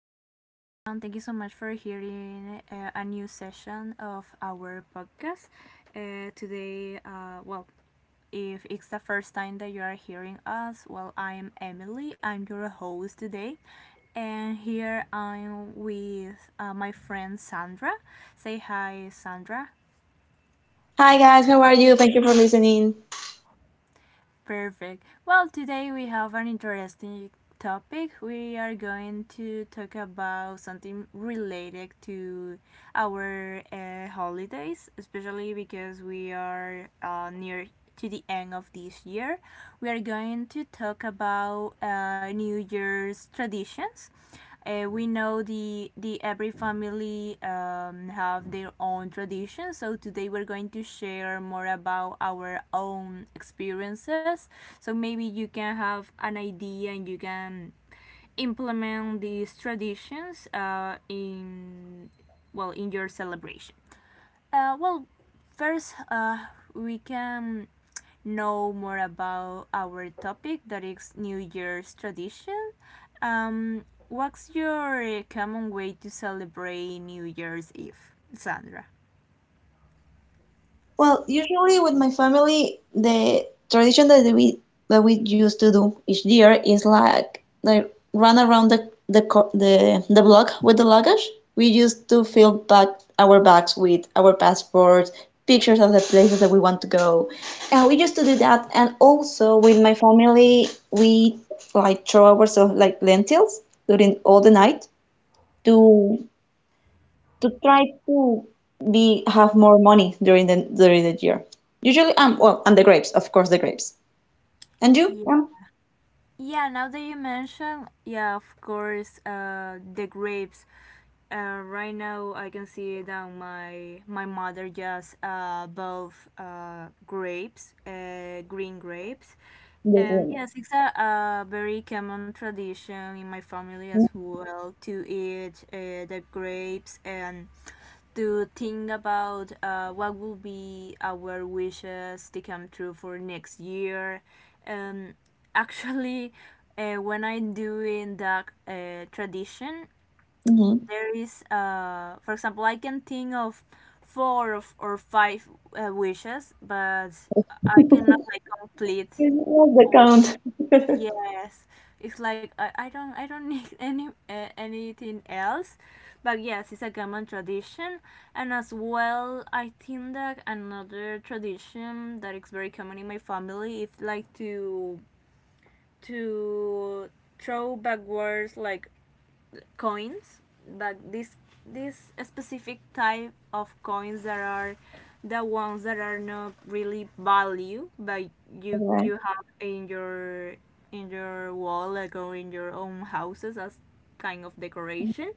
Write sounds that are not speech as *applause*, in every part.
Hello, everyone. Thank you so much for hearing a new session of our podcast. Uh, today, uh, well, if it's the first time that you are hearing us, well, I'm Emily. I'm your host today. And here I'm with my friend Sandra. Say hi, Sandra. Hi guys, how are you? Thank you for listening. Perfect. Well, today we have an interesting topic. We are going to talk about something related to our holidays, especially because we are near to the end of this year. We are going to talk about New Year's traditions. We know the every family have their own traditions. So today we're going to share more about our own experiences. So maybe you can have an idea and you can implement these traditions in well in your celebration. Uh, well, first, we can know more about our topic that is New Year's tradition. What's your common way to celebrate New Year's Eve, Sandra? Well, usually with my family, the tradition that we used to do each year is like run around the block with the luggage. We used to fill back our bags with our passports, pictures of the places that we want to go, and we used to do that. And also with my family, we like throw ourselves like lentils during all the night to to try to be have more money during the year. Usually, well, and the grapes, of course, the grapes. And you? Yeah. Yeah, now that you mention, yeah, of course, the grapes. Right now, I can see that my mother just bought grapes, green grapes, and Mm-hmm. yes, it's a very common tradition in my family as well to eat the grapes and to think about what will be our wishes to come true for next year. Um, actually, *laughs* when I'm doing that tradition, there is, for example, I can think of four of, or five wishes, but I cannot like complete What's the all. count? *laughs* Yes, it's like I don't *laughs* need anything else, but yes, it's a common tradition, and as well, I think that another tradition that is very common in my family is like to throw backwards like coins, but this specific type of coins that are the ones that are not really value, but you All you right. have in your wallet, like, or in your own houses as kind of decoration.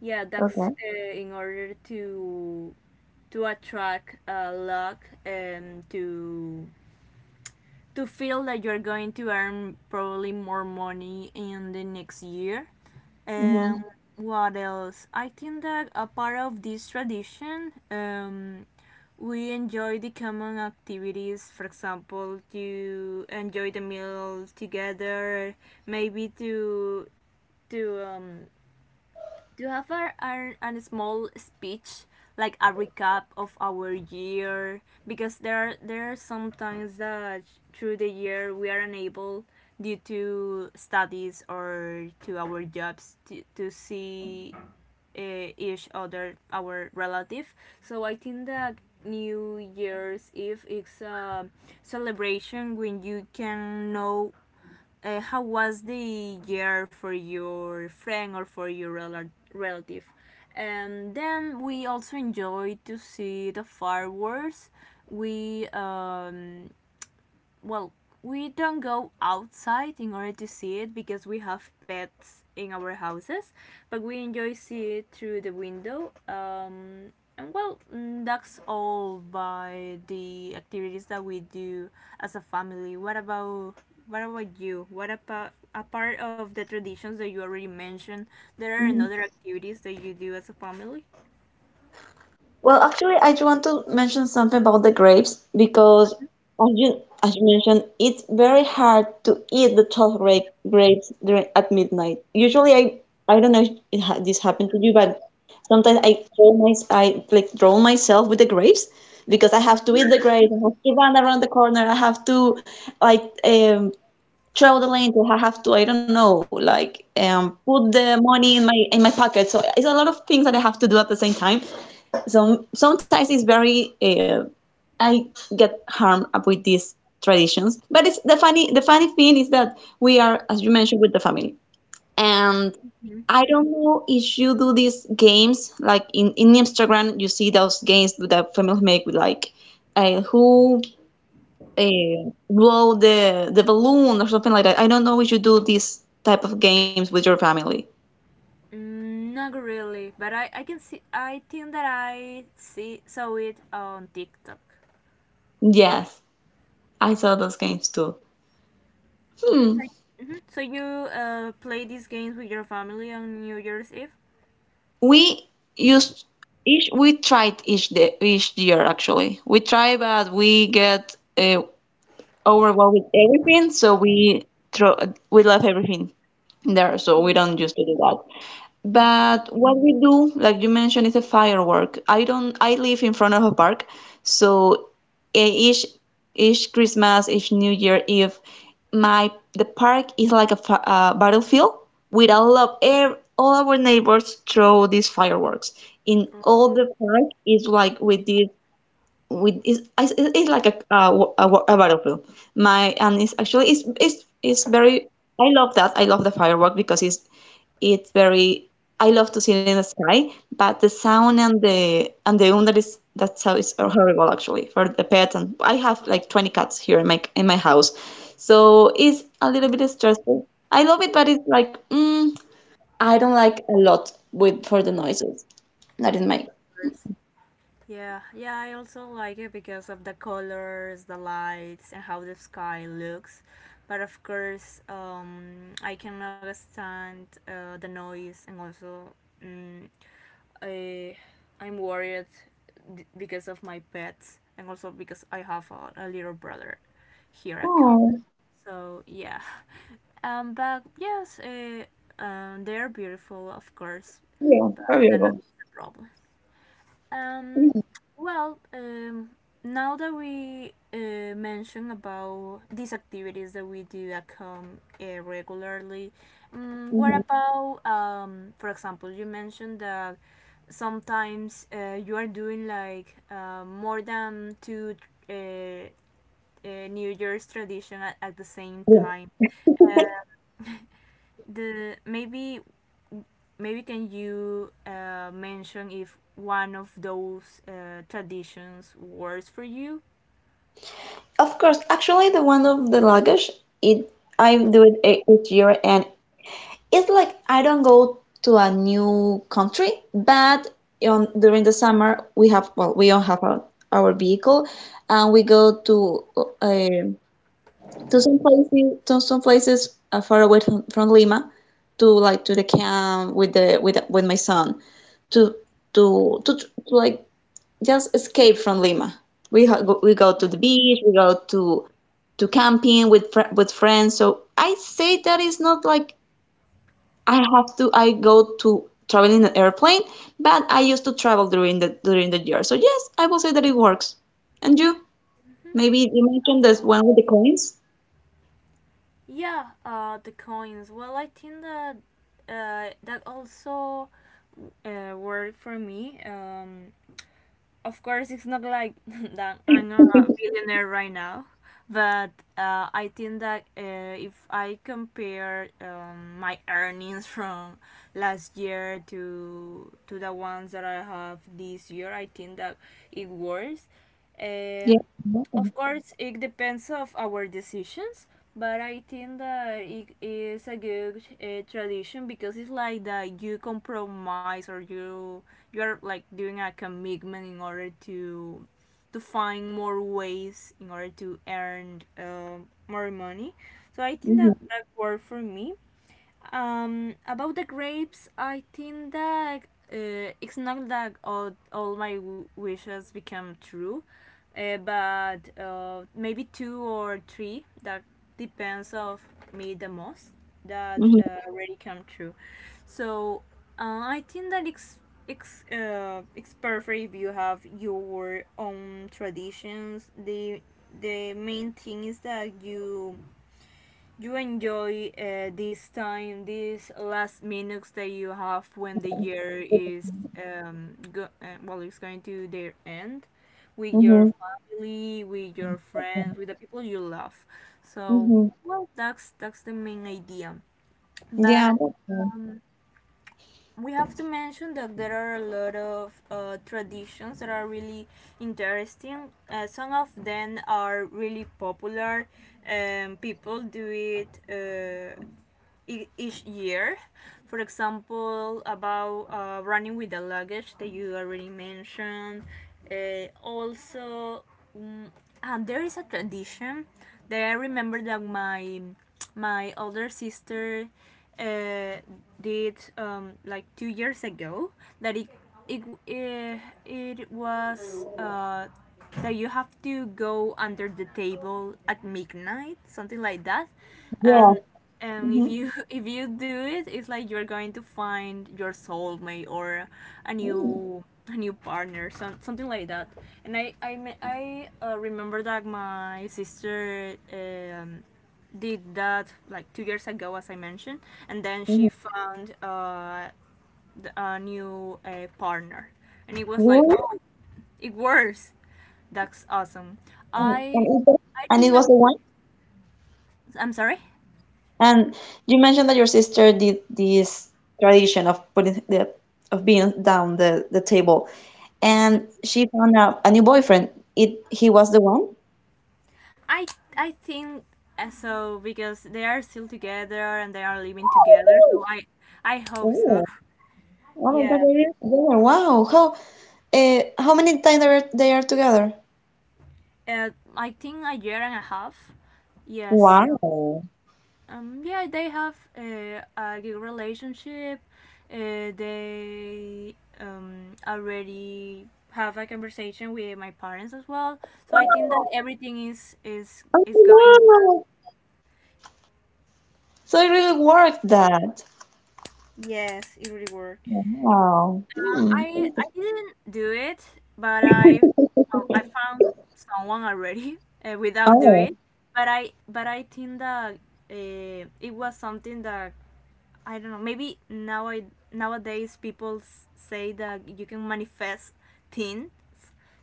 Yeah, Okay. that's in order to attract luck and to feel that you're going to earn probably more money in the next year. Mm-hmm. um, what else? I think that a part of this tradition, we enjoy the common activities. For example, to enjoy the meal together, maybe to do you have a small speech, like a recap of our year? Because there are sometimes that through the year we are unable due to studies or to our jobs to see each other our relative. So I think that New Year's Eve is a celebration when you can know how was the year for your friend or for your relative. And then we also enjoyed to see the fireworks. We um, well, we don't go outside in order to see it because we have pets in our houses, but we enjoy see it through the window. And well, that's all by the activities that we do as a family. What about you? What about apart of the traditions that you already mentioned, there are another activities that you do as a family? Well, actually, I just want to mention something about the grapes because, as you mentioned, it's very hard to eat the 12 grapes during at midnight. Usually, I don't know if it ha this happened to you, but sometimes I throw my I like drown myself with the grapes because I have to eat the grapes. I have to run around the corner. I have to like throw the link if have to, I don't know, like put the money in my pocket. So it's a lot of things that I have to do at the same time. So sometimes it's very I get harmed with these traditions. But it's the funny thing is that we are, as you mentioned, with the family. And I don't know if you do these games like in Instagram, you see those games that families make with like who blow the balloon or something like that. I don't know if you do these type of games with your family. Mm, not really, but I can see I think that I see saw it on TikTok. Yes, I saw those games too. Hmm. So, mhm. So you play these games with your family on New Year's Eve? We used we tried each year actually. We try, but we get overwhelmed with everything, so we left everything there, so we don't used to do that. But what we do, like you mentioned, is a firework. I don't, I live in front of a park, so e- each each Christmas, each New Year Eve, my the park is like a battlefield with a lot of all our neighbors throw these fireworks. In all Oh, the park is like with this with it's like a battlefield. My And it's actually it's very. I love the firework because it's very. I love to see it in the sky, but the sound and the that sound is horrible actually for the pet, and I have like 20 cats here in my house, so it's a little bit stressful. I love it, but it's like I don't like a lot with for the noises that it makes. yes. Yeah, yeah. I also like it because of the colors, the lights, and how the sky looks. But of course, I cannot stand the noise, and also, mm, I, I'm worried because of my pets, and also because I have a little brother here at camp. Oh, So yeah. *laughs* Um, but yes, uh, they're beautiful, of course, yeah, but very they're not the problem. Um, beautiful. well, um, now that we mentioned about these activities that we do that come regularly, what about, for example, you mentioned that sometimes you are doing like more than two uh, New Year's tradition at the same Yeah, time. Uh, the maybe maybe can you mention if one of those traditions works for you? of course. Actually, the one of the luggage, it I do it each year, and it's like I don't go to a new country, but on during the summer we have well, we don't have our vehicle, and we go um to some places far away from Lima, to the camp with the with my son to to just escape from Lima. We go to the beach, we go to camping with with friends. So I say that it's not like I go to travel in an airplane, but I used to travel during the year. So yes, I will say that it works. And you? Maybe you mentioned this one with the coins. Yeah, the coins. Well, I think that that also worked for me. Of course it's not like *laughs* that I'm a *laughs* billionaire right now, but I think that if I compare my earnings *laughs* from last year to the ones that I have this year, I think that it works. Yeah. Um, of course, it depends of our decisions, but I think that it is a good tradition because it's like that you compromise or you are like doing a commitment in order to find more ways in order to earn more money. So I think that Mm-hmm. that worked for me. About the grapes, I think that it's not that all my wishes become true, but maybe two or three that depends of me the most that Mm-hmm. Already come true. So I think that it's it's perfect if you have your own traditions. The main thing is that you enjoy this time, these last minutes that you have when the year is it's going to their end with your Mm-hmm. family, with your friends, with the people you love. So Mm-hmm. well, that's the main idea. Yeah. But Okay. we have to mention that there are a lot of traditions that are really interesting. Some of them are really popular. People do it. Each year. For example, about running with the luggage that you already mentioned. Uh, also, um, and there is a tradition that I remember that my older sister uh, did like 2 years ago. That it it, it was. That you have to go under the table at midnight, something like that, Yeah. and and if Mm-hmm. you *laughs* if you do it, it's like you're going to find your soulmate or Mm-hmm. A new partner, some, something like that. And I remember that my sister did that like 2 years ago as I mentioned, and then she found a new partner, and it was like, Really? oh, it works, that's awesome. And, and, i it, I and did it not was the do it. one? I'm sorry. And you mentioned that your sister did this tradition of putting the of being down the table, and she found out a new boyfriend. It He was the one. I I think so, because they are still together and they are living together. So I hope so. Oh, *laughs* oh my God, Yeah. they're together. Wow, how many times they are together? Uh, I think a year and a half. Yes. Wow. Yeah. They have a good relationship. They already have a conversation with my parents as well. So I think that everything is is Oh, is going well. wow. So it really worked that. Yes, it really worked. Wow. Uh, Hmm. I I didn't do it, but I found someone already *laughs* without Oh. doing it. But I think that it was something that I don't know. Maybe nowadays people say that you can manifest things.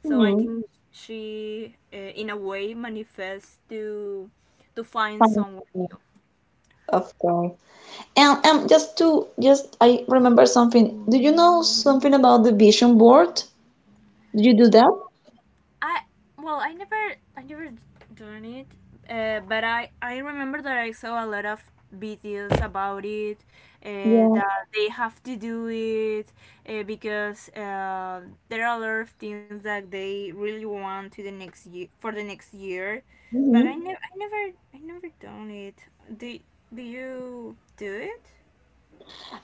So I Hmm. think she in a way manifests to find Fun. someone new. Of course. And just I remember something. Do you know something about the vision board? Do you do that? I well, I never done it, but I remember that I saw a lot of videos about it, Yeah. that they have to do it because there are a lot of things that they really want to the next year for the next year, but Hmm. I never, I never, I never done it. Do do you do it?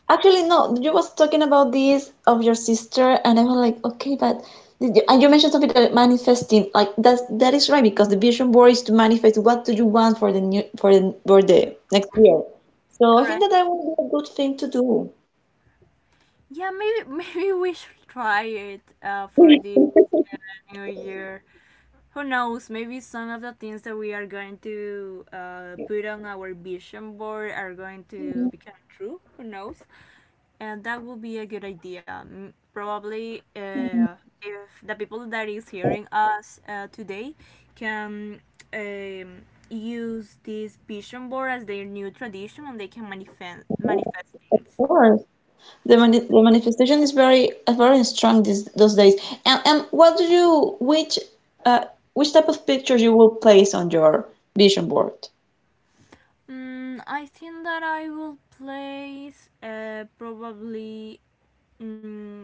Actually, no. You was talking about this of your sister, and I was like, okay, but and you mentioned something that manifesting, like that is right because the vision board is to manifest what do you want for the new for the next year. So I think that Correct. that would be a good thing to do. Yeah, maybe *laughs* maybe we should try it for this *laughs* new year. Who knows, maybe some of the things that we are going to put on our vision board are going to become true. Who knows? And that would be a good idea. Probably if the people that is hearing us today can um, use this vision board as their new tradition, and they can manifest Of things. course. The manifestation is very strong these those days. And what do you uh which type of pictures you will place on your vision board? Mm, I think that I will place probably mm,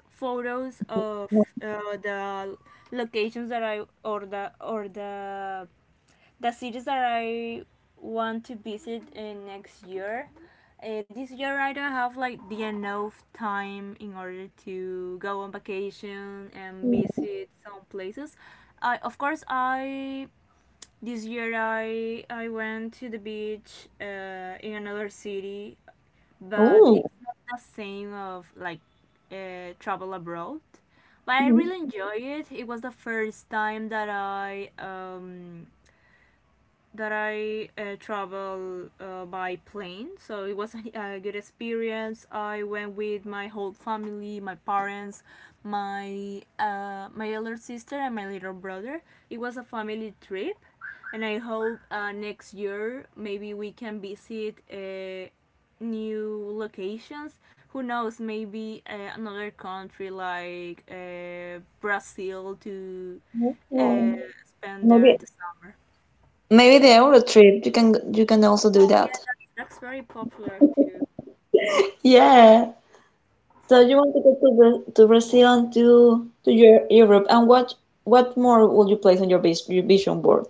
photos of uh, the locations that I or the cities that I want to visit in next year. This year I don't have like the enough time in order to go on vacation and visit some places. I of course I this year I went to the beach in another city, but Oh, it's not the same of like travel abroad. But I mhm. really enjoy it. It was the first time that I travel by plane, so it was, *laughs* good experience. I went with my whole family, my parents, my elder sister, and my little brother. It was a family trip, and I hope next year maybe we can visit new locations. Who knows? Maybe another country like Brazil to uh, spend there Maybe the summer. maybe the Euro trip. You can also do that. That's very popular too. Yeah. So you want to go to Brazil and to Europe. And what more will you place on your vision board?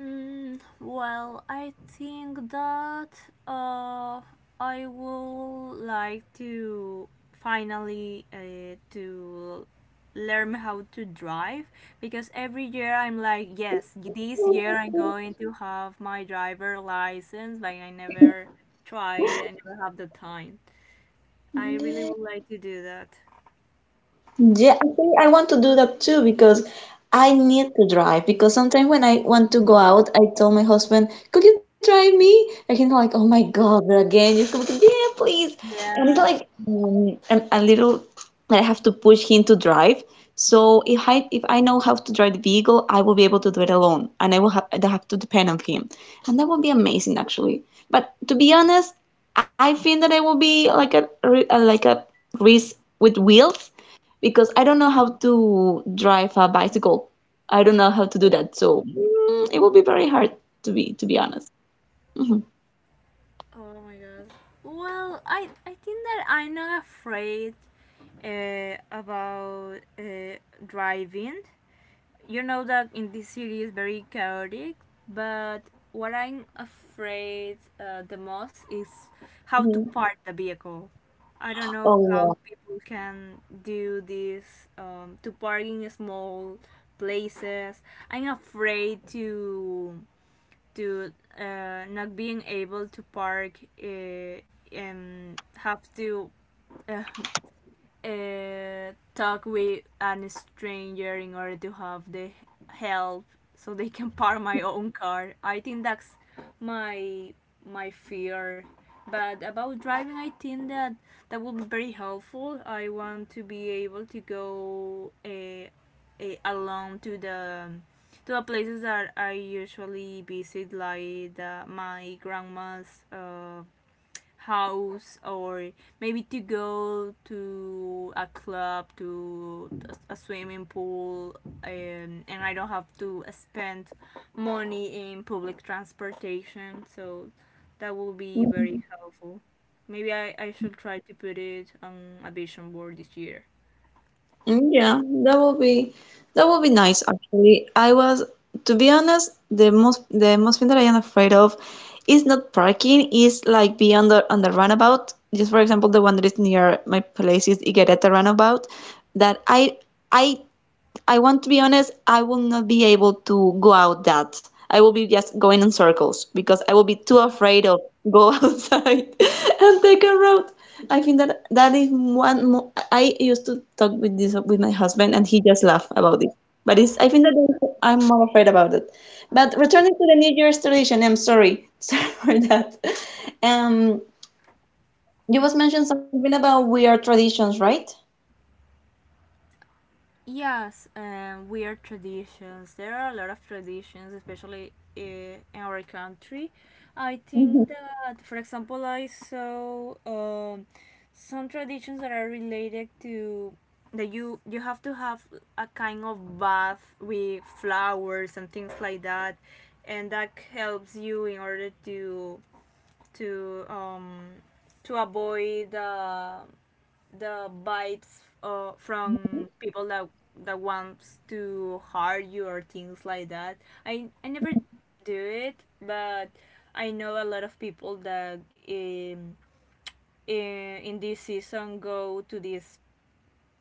Well, I think that uh, I would like to finally to learn how to drive because every year I'm like, yes, this year I'm going to have my driver license, but I never try. I never have the time. I really would like to do that. Yeah, I want to do that too because I need to drive. Because sometimes when I want to go out, I tell my husband, "Could you drive me?" And he's like, "Oh my God, but again, just come to, yeah, please." And it's Yeah. like a little that I have to push him to drive. So if I know how to drive the vehicle, I will be able to do it alone, and I don't have to depend on him, and that would be amazing actually. But to be honest, I think that I will be like a, re- a like a race with wheels because I don't know how to drive a bicycle. I don't know how to do that, so it will be very hard to be honest. Mhm. Well, I think that I'm not afraid about driving. You know that in this city is very chaotic, but what I'm afraid the most is how to Mhm. park the vehicle. I don't know how Oh, yeah. people can do this to park in small places. I'm afraid to not being able to park and have to uh, talk with a stranger in order to have the help so they can park my own car. I think that's my my fear. But about driving, I think that that would be very helpful. I want to be able to go alone to the places that I usually visit, like my grandma's house, or maybe to go to a club, to a swimming pool, and I don't have to spend money in public transportation, so that will be very helpful. Maybe I should try to put it on a vision board this year. Mm, yeah, that would be nice actually. I was To be honest, the most thing that I am afraid of is not parking, is like being on the runabout. Just for example, the one that is near my place is Iguereta runabout that I I want to be honest, I will not be able to go out that. I will be just going in circles because I will be too afraid of go *laughs* outside and take a road. I think that that is one mo I used to talk with this with my husband and he just laugh about it. But it's I think that I'm more afraid about it. But returning to the New Year's tradition, I'm sorry, *laughs* sorry for that. Um, you was mentioned something about weird traditions, right? Yes, weird traditions. There are a lot of traditions, especially in our country. I think Mhm. that, for example, I saw some traditions that are related to that you have to have a kind of bath with flowers and things like that, and that helps you in order to um to avoid the vibes from people that wants to hire you or things like that. I never do it, but I know a lot of people that in this season go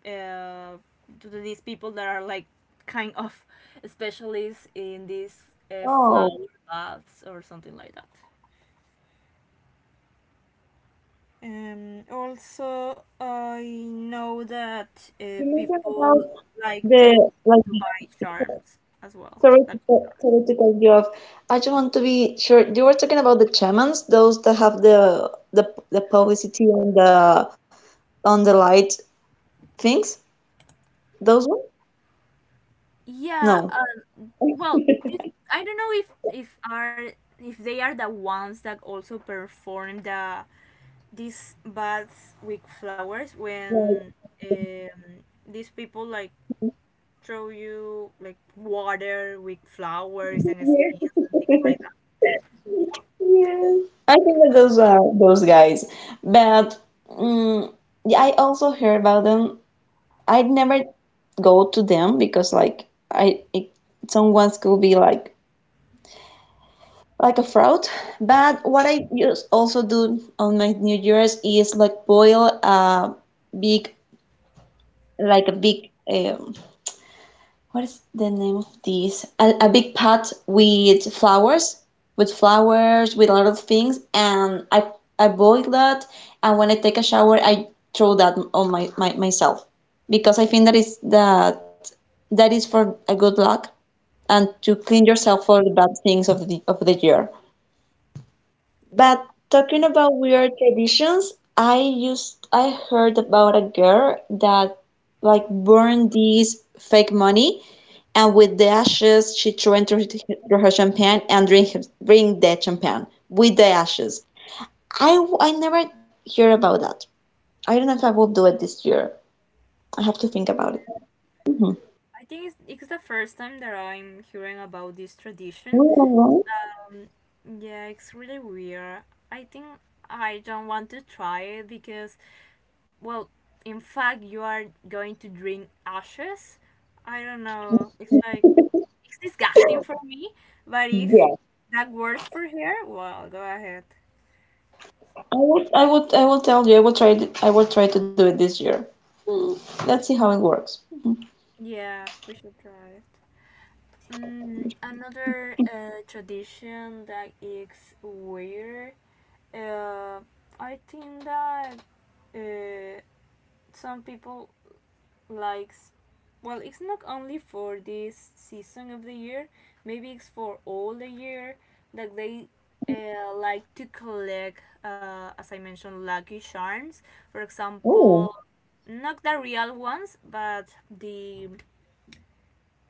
uh, to these people that are like kind of *laughs* specialists in these Oh. flower baths or something like that. Also, I know that You mentioned about people like the to to buy charms as well. Lucky theoretical, charms. theoretical view of. I just want to be sure you were talking about the chamans, those that have the publicity on the light things, those ones? Yeah. No. *laughs* Well, this, Like, I don't know if they are the ones that also perform these baths with flowers when these people like throw you like water with flowers and scenes and things yeah. *laughs* like that. Yeah, I think that those are those guys. But mm yeah, I also heard about them. I'd never go to them because like someone could be like a fraud. But what I use also do on my New Year's is like boil a big, like a big, what is the name of this? A big pot with flowers, with flowers, with a lot of things, and I boil that, and when I take a shower, I throw that on my, my myself because I think that that is for a good luck and to clean yourself for the bad things of the year. But talking about weird traditions, I heard about a girl that like burned these fake money and with the ashes she threw into her through her champagne and drink the champagne with the ashes. I never hear about that. I don't know if I will do it this year. I have to think about it. Mhm. I think it's the first time that I'm hearing about this tradition. Well, Yeah, it's really weird. I think I don't want to try it because, well, in fact, you are going to drink ashes. I don't know. It's like, it's disgusting for me, but if yeah, that works for her, well, go ahead. I will tell you I will try it, I will try to do it this year. Let's see how it works. Yeah, we should try it. Another tradition that is weird. Uh, I think that uh, some people likes. Well, it's not only for this season of the year. Maybe it's for all the year, that they like to collect, as I mentioned, lucky charms. For Oh. example, not the real ones, but the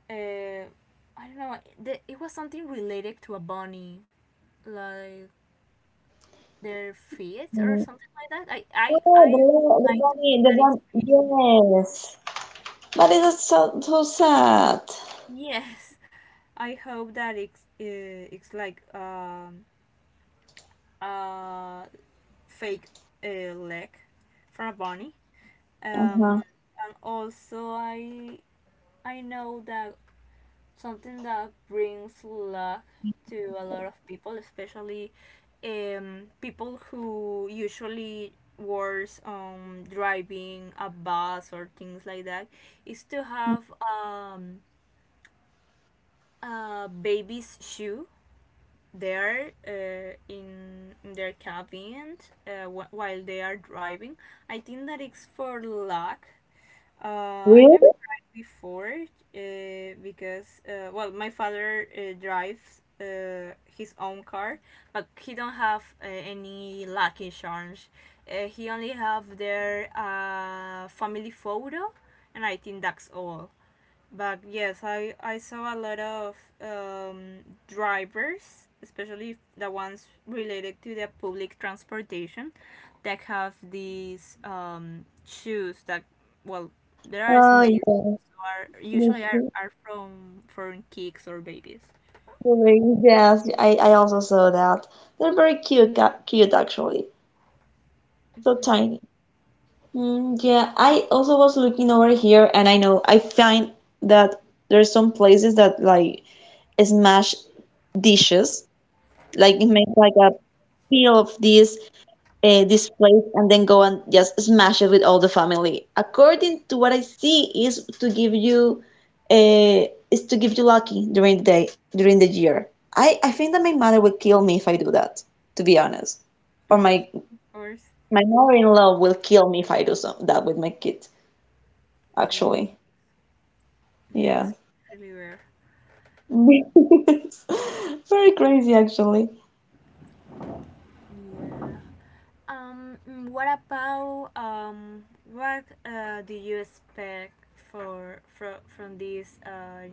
uh, I don't know. It was something related to a bunny, like their feet or something like that. I Oh, the, la- would the like to bunny, think the that it's fake. bunny, yes. But it's so, so sad. Yes, I hope that it's like a fake leg from a bunny. Um, Uh-huh. and also I know that something that brings luck to a lot of people, especially people who usually works on driving a bus or things like that, is to have um, a baby's shoe there in their cabin while they are driving. I think that it's for luck. Uh, I never Really? tried before because well, my father drives his own car, but he don't have any lucky charms. He only have their family photo, and I think that's all. But yes, I saw a lot of drivers, especially the ones related to the public transportation, that have these shoes that, well, there are Oh, small, yeah. so are The usually hu- are from kids or babies. Yes, I also saw that. They're very cute actually. So Mhm. tiny. Mm, yeah, I also was looking over here, and I find that there's some places that like smash dishes, like it make like a peel of this plate and then go and just smash it with all the family. According to what I see, is to give you uh, lucky during the year. I think that my mother will kill me if I do that, to be honest. Or my Of course. my mother-in-law will kill me if I do some, that with my kid, Yeah. actually. Yeah, Yeah. it's *laughs* really rare. It's Very crazy, actually. Yeah. What about what do you expect for from this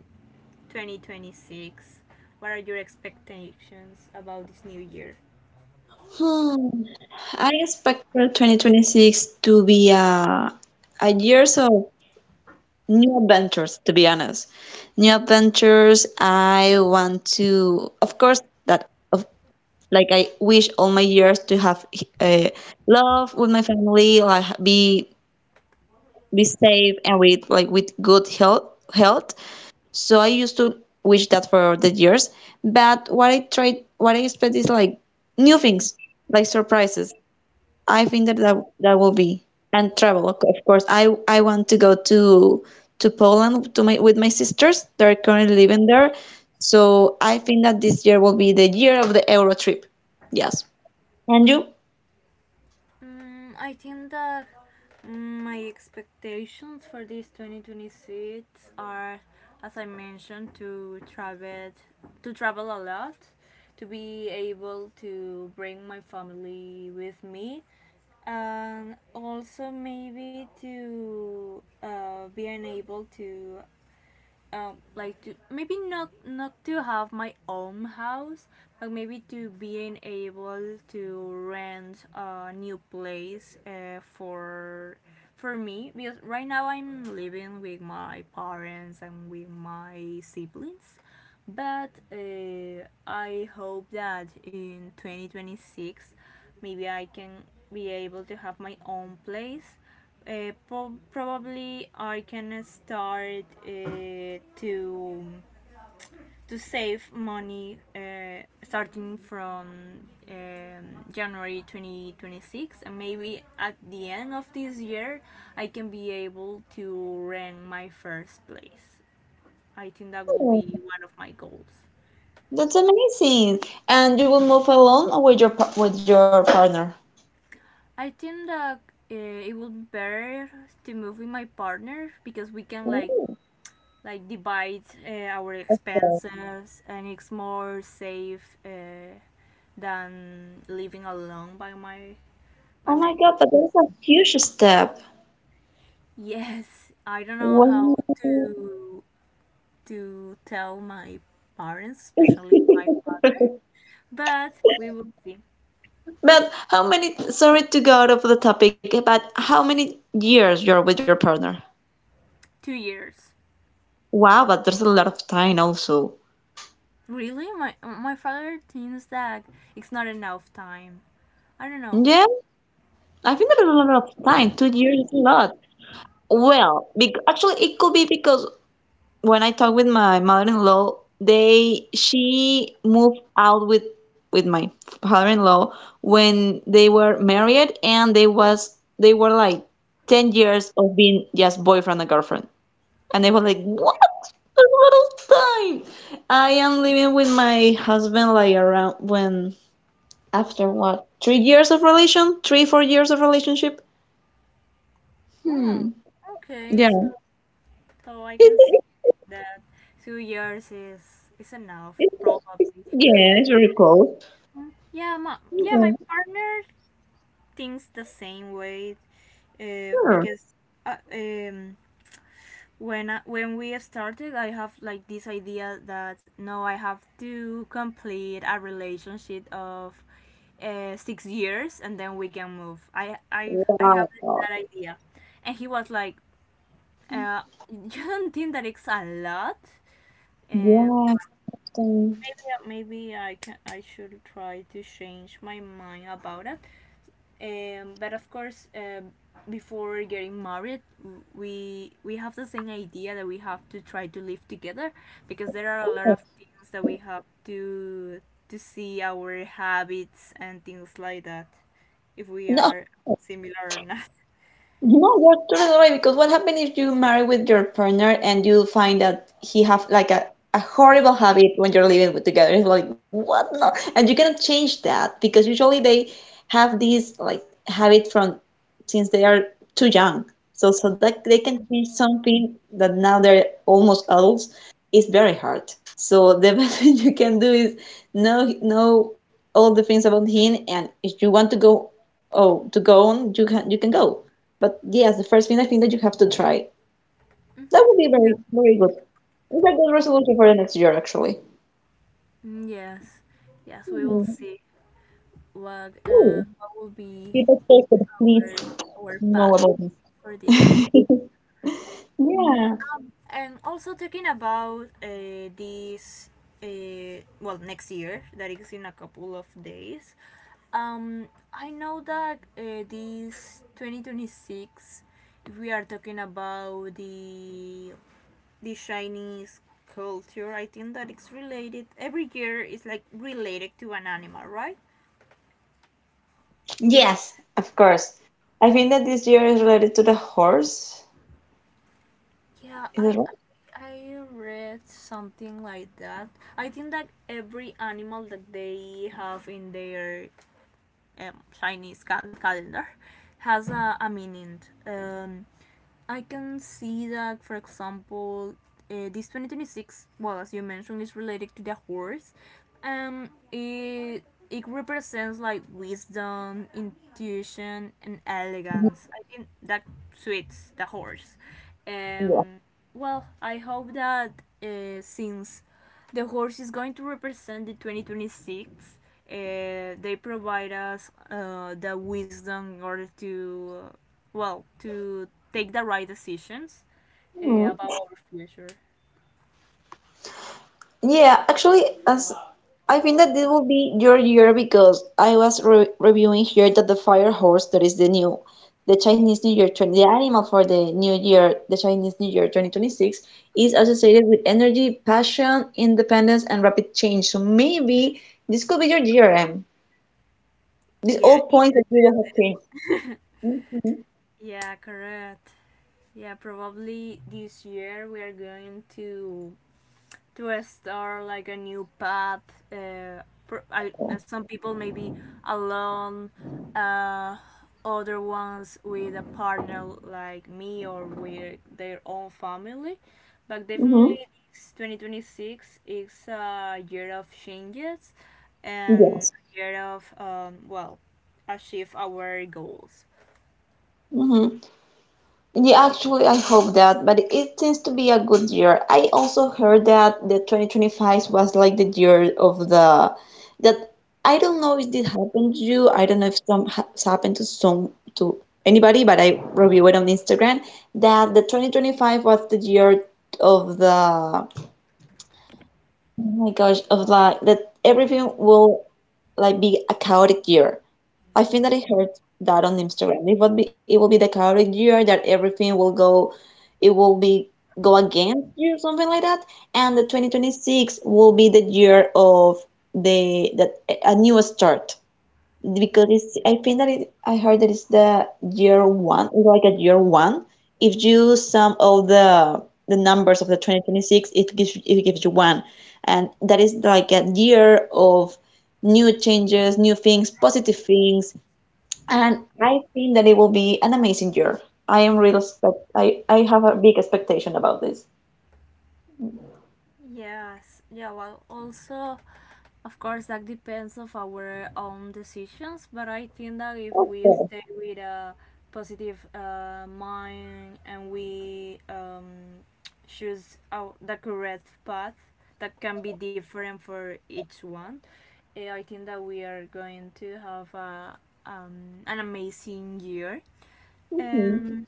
2026? What are your expectations about this new year? Hmm. I expect for 2026 to be a year so. New adventures, to be honest. New adventures. I want to, of course, that of like I wish all my years to have uh, love with my family, like be safe and with like with good health. So I used to wish that for the years. But what I tried, what I expect is like new things, like surprises. I think that that will be and travel, of course. I want to go to Poland to my with my sisters. They're currently living there, so I think that this year will be the year of the Euro trip. Yes. And you? I think that my expectations for this 2026 are, as I mentioned, to travel a lot, to be able to bring my family with me, and also maybe to being able to like to maybe not to have my own house, but maybe to being able to rent a new place for me because right now I'm living with my parents and with my siblings. But I hope that in 2026 maybe I can be able to have my own place, probably I can start to save money starting from January 2026, and maybe at the end of this year I can be able to rank my first place. I think that will Oh, be one of my goals. that's amazing. And you will move alone or with your with your partner? I think that it would be better to move with my partner because we can like Oh, like divide our yes. expenses, and it's more safe than living alone by my by Oh my my God, but own. that's a huge step. Yes, I don't know how Wow. to tell my parents, especially my father, *laughs* but we will see. But how many, sorry to go out of the topic, but how many years you're with your partner? 2 years. Wow, but there's a lot of time also. Really, my father thinks that it's not enough time. I don't know. Yeah, I think there's a lot of time. 2 years is a lot. Well, bec actually, it could be because when I talk with my mother-in-law, they she moved out with my father-in-law when they were married, and they were like 10 years of being just boyfriend and girlfriend. And they were like, what? A lot of time. I am living with my husband like around when after what? 3 years of relation? Three, 4 years of relationship? Wow. Hmm. Okay, so Yeah. So I can see It's, that 2 years is enough, it's probably. yeah, it's very close. Yeah, my Yeah. partner thinks the same way, Sure. because uh, um when we started I have like this idea that no I have to complete a relationship of 6 years, and then we can move. I have that Wow. idea, and he was like, uh, *laughs* you don't think that it's a lot? Um, Yeah. um, maybe I should try to change my mind about it. But, of course, before getting married, we have the same idea that we have to try to live together because there are a lot of things that we have to see our habits and things like that, if we No, are similar or not. *laughs* you know, you're totally right because what happens if you marry with your partner and you find that he have like a horrible habit when you're living with together? It's like what no, and you cannot change that because usually they have these like habit from since they are too young. So so that they can change something that now they're almost adults is very hard. So the *laughs* best thing you can do is know all the things about him, and if you want to go oh to go on, you can go. But yes, the first thing I think that you have to try. That Mm-hmm. would be very, very good. It's a good resolution for the next year, actually. Yes, yes, we will Mhm. see what uh, Ooh, what will be people should please our our know path about this. for this year. *laughs* Mm, Yeah. and also talking about this, well, next year, that is in a couple of days. Um, I know that this 2026, if we are talking about the Chinese culture, I think that it's related. Every year is like related to an animal, right? Yes, of course. I think that this year is related to the horse. Yeah, Is I, it I I read something like that. I think that every animal that they have in their Chinese calendar has a meaning. Um, I can see that, for example, this 2026, well, as you mentioned, is related to the horse. Um, it it represents like wisdom, intuition, and elegance. I think that suits the horse. right? Um, well, I hope that since the horse is going to represent the 2026, they provide us the wisdom in order to, well, to take the right decisions about Yeah. our future. Yeah, actually, as I think that this will be your year because I was re reviewing here that the fire horse that is the new, the Chinese New Year 20, the animal for the new year, the Chinese New Year 2026, is associated with energy, passion, independence, and rapid change. So maybe this could be your GRM. These Yeah. all points that you will have changed. Yeah, correct. Yeah, probably this year we are going to start like a new path. Uh, some people maybe alone, uh, other ones with a partner like me or with their own family. But, Mm-hmm. definitely, this 2026 is a year of changes and Yes. a year of, well, achieve our goals. Hmm. Yeah, actually, I hope that, but it seems to be a good year. I also heard that the 2025 was like the year of the that I don't know if this happened to you. I don't know if it's happened to some to anybody, but I review it on Instagram that the 2025 was the year of the oh my gosh of like that everything will like be a chaotic year. I think that I heard that on Instagram. It will be the kind year that everything will go, it will be go against you, something like that. And the 2026 will be the year of the that a new start because it's I think that it I heard that it's the year one, it's like a year one. If you sum all the numbers of the 2026, it gives you one, and that is like a year of new changes, new things, positive things and I think that it will be an amazing year. I am real expect I have a big expectation about this. Yes, yeah, well, also. Of course, that depends of our own decisions, but I think that if we Okay. stay with a positive mind, and we choose the correct path that can be different for each one, I think that we are going to have an amazing year. Hmm. And,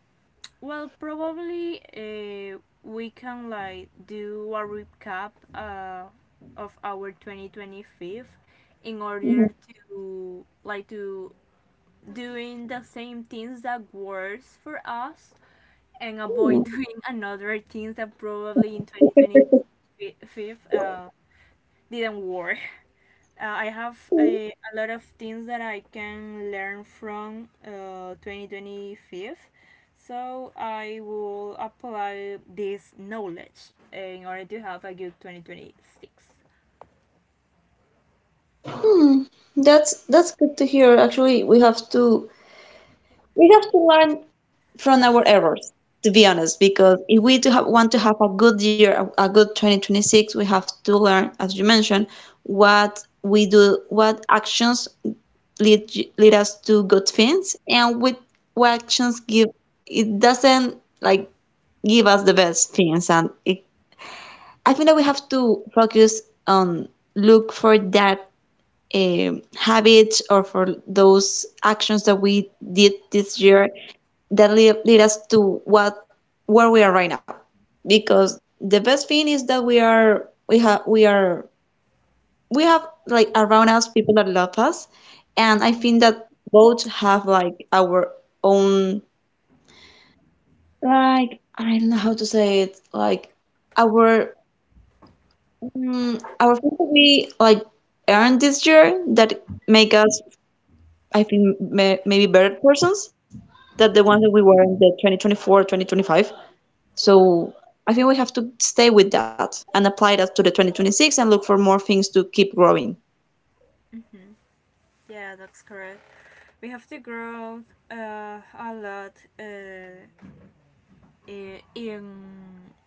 well, probably we can like do a recap of our 2025 in Hmm. order to doing the same things that works for us and avoid *laughs* doing another things that probably in 2025 didn't work. I have a lot of things that I can learn from 2025. So I will apply this knowledge in order to have a good 2026. Hmm. That's good to hear. Actually, we have to learn from our errors, to be honest, because if we want to have a good year, a good 2026, we have to learn, as you mentioned, what we do, what actions lead lead us to good things and with what actions give it doesn't like give us the best things and it, I think that we have to focus on look for that habits or for those actions that we did this year that lead us to what where we are right now because the best thing is that we are we have like around us people that love us, and I Mm-hmm. think that both have like our own like I don't know how to say it like our mm, our things that we like earned this year that make us I think maybe better persons than the ones that we were in the 2024 2025. So I think we have to stay with that and apply that to the 2026 and look for more things to keep growing. Mm-hmm. Yeah, that's correct. We have to grow a lot. In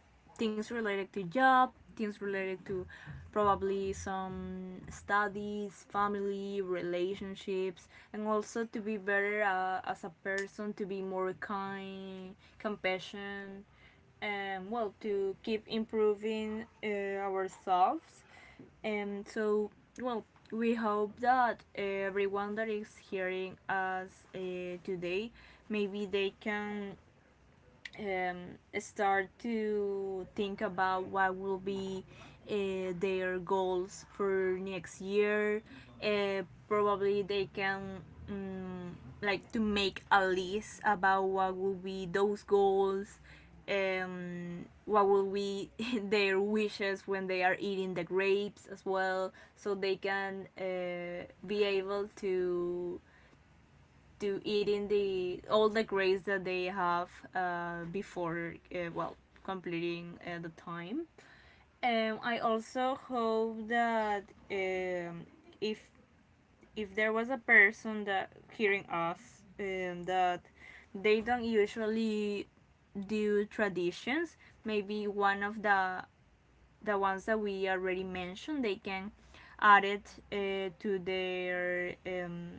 things related to job, things related to probably some studies, family, relationships, and also to be better as a person, to be more kind, compassion, and, well, to keep improving ourselves. And so, well, we hope that everyone that is hearing us today, maybe they can start to think about what will be their goals for next year. Uh, probably they can um, like to make a list about what will be those goals. What will be *laughs* their wishes when they are eating the grapes as well, so they can be able to eating the all the grades that they have before well completing the time. I also hope that um, if if there was a person that hearing us that they don't usually do traditions, maybe one of the ones that we already mentioned they can add it to their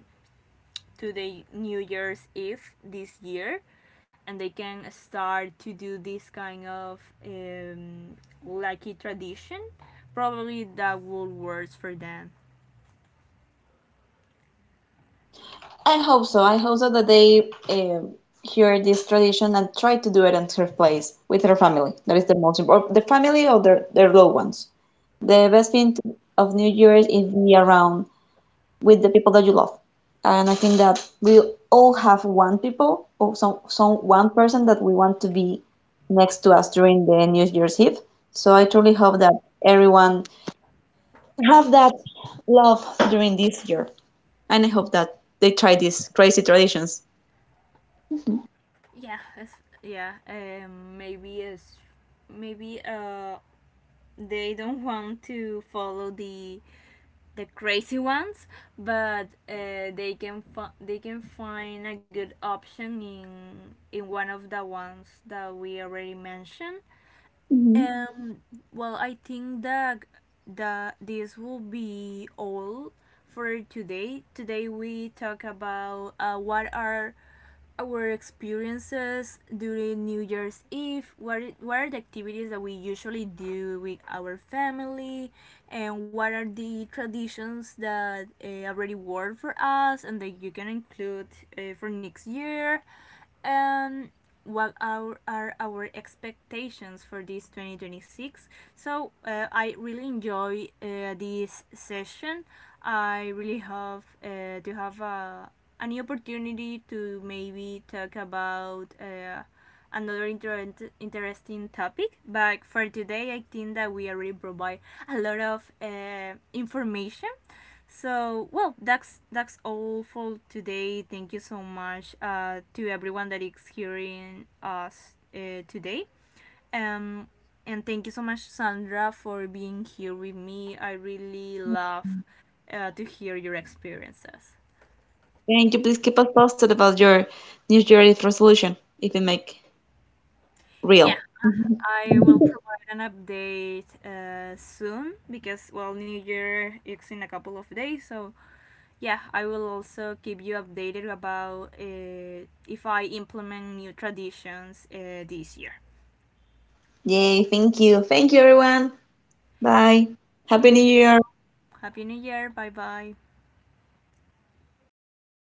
to the New Year's Eve this year, and they can start to do this kind of um, lucky tradition. Probably that will work for them. I hope so. I hope so that they hear this tradition and try to do it in her place with her family. That is the most important, the family or their loved ones. The best thing of New Year is be around with the people that you love. And I think that we all have one people or some one person that we want to be next to us during the New Year's Eve. So I truly hope that everyone have that love during this year. And I hope that they try these crazy traditions. Yeah. Yeah, maybe maybe uh they don't want to follow the crazy ones, but they can find a good option in one of the ones that we already mentioned. Mhm. Um, well, I think that this will be all for today. Today we talk about what are our experiences during New Year's Eve. What are the activities that we usually do with our family, and what are the traditions that already work for us and that you can include for next year, um, what are, our expectations for this 2026. So I really enjoy this session. I really hope to have an opportunity to maybe talk about another interesting topic. But for today, I think that we already provide a lot of information. So, well, that's all for today. Thank you so much to everyone that is hearing us today. Um, and thank you so much, Sandra, for being here with me. I really love to hear your experiences. Can you please keep us posted about your New Year's resolution if you make Yeah, real? I will provide an update soon because, well, New Year is in a couple of days. So, yeah, I will also keep you updated about if I implement new traditions this year. Yay, thank you. Thank you, everyone. Bye. Happy New Thank you. Year. Happy New Year. Bye bye.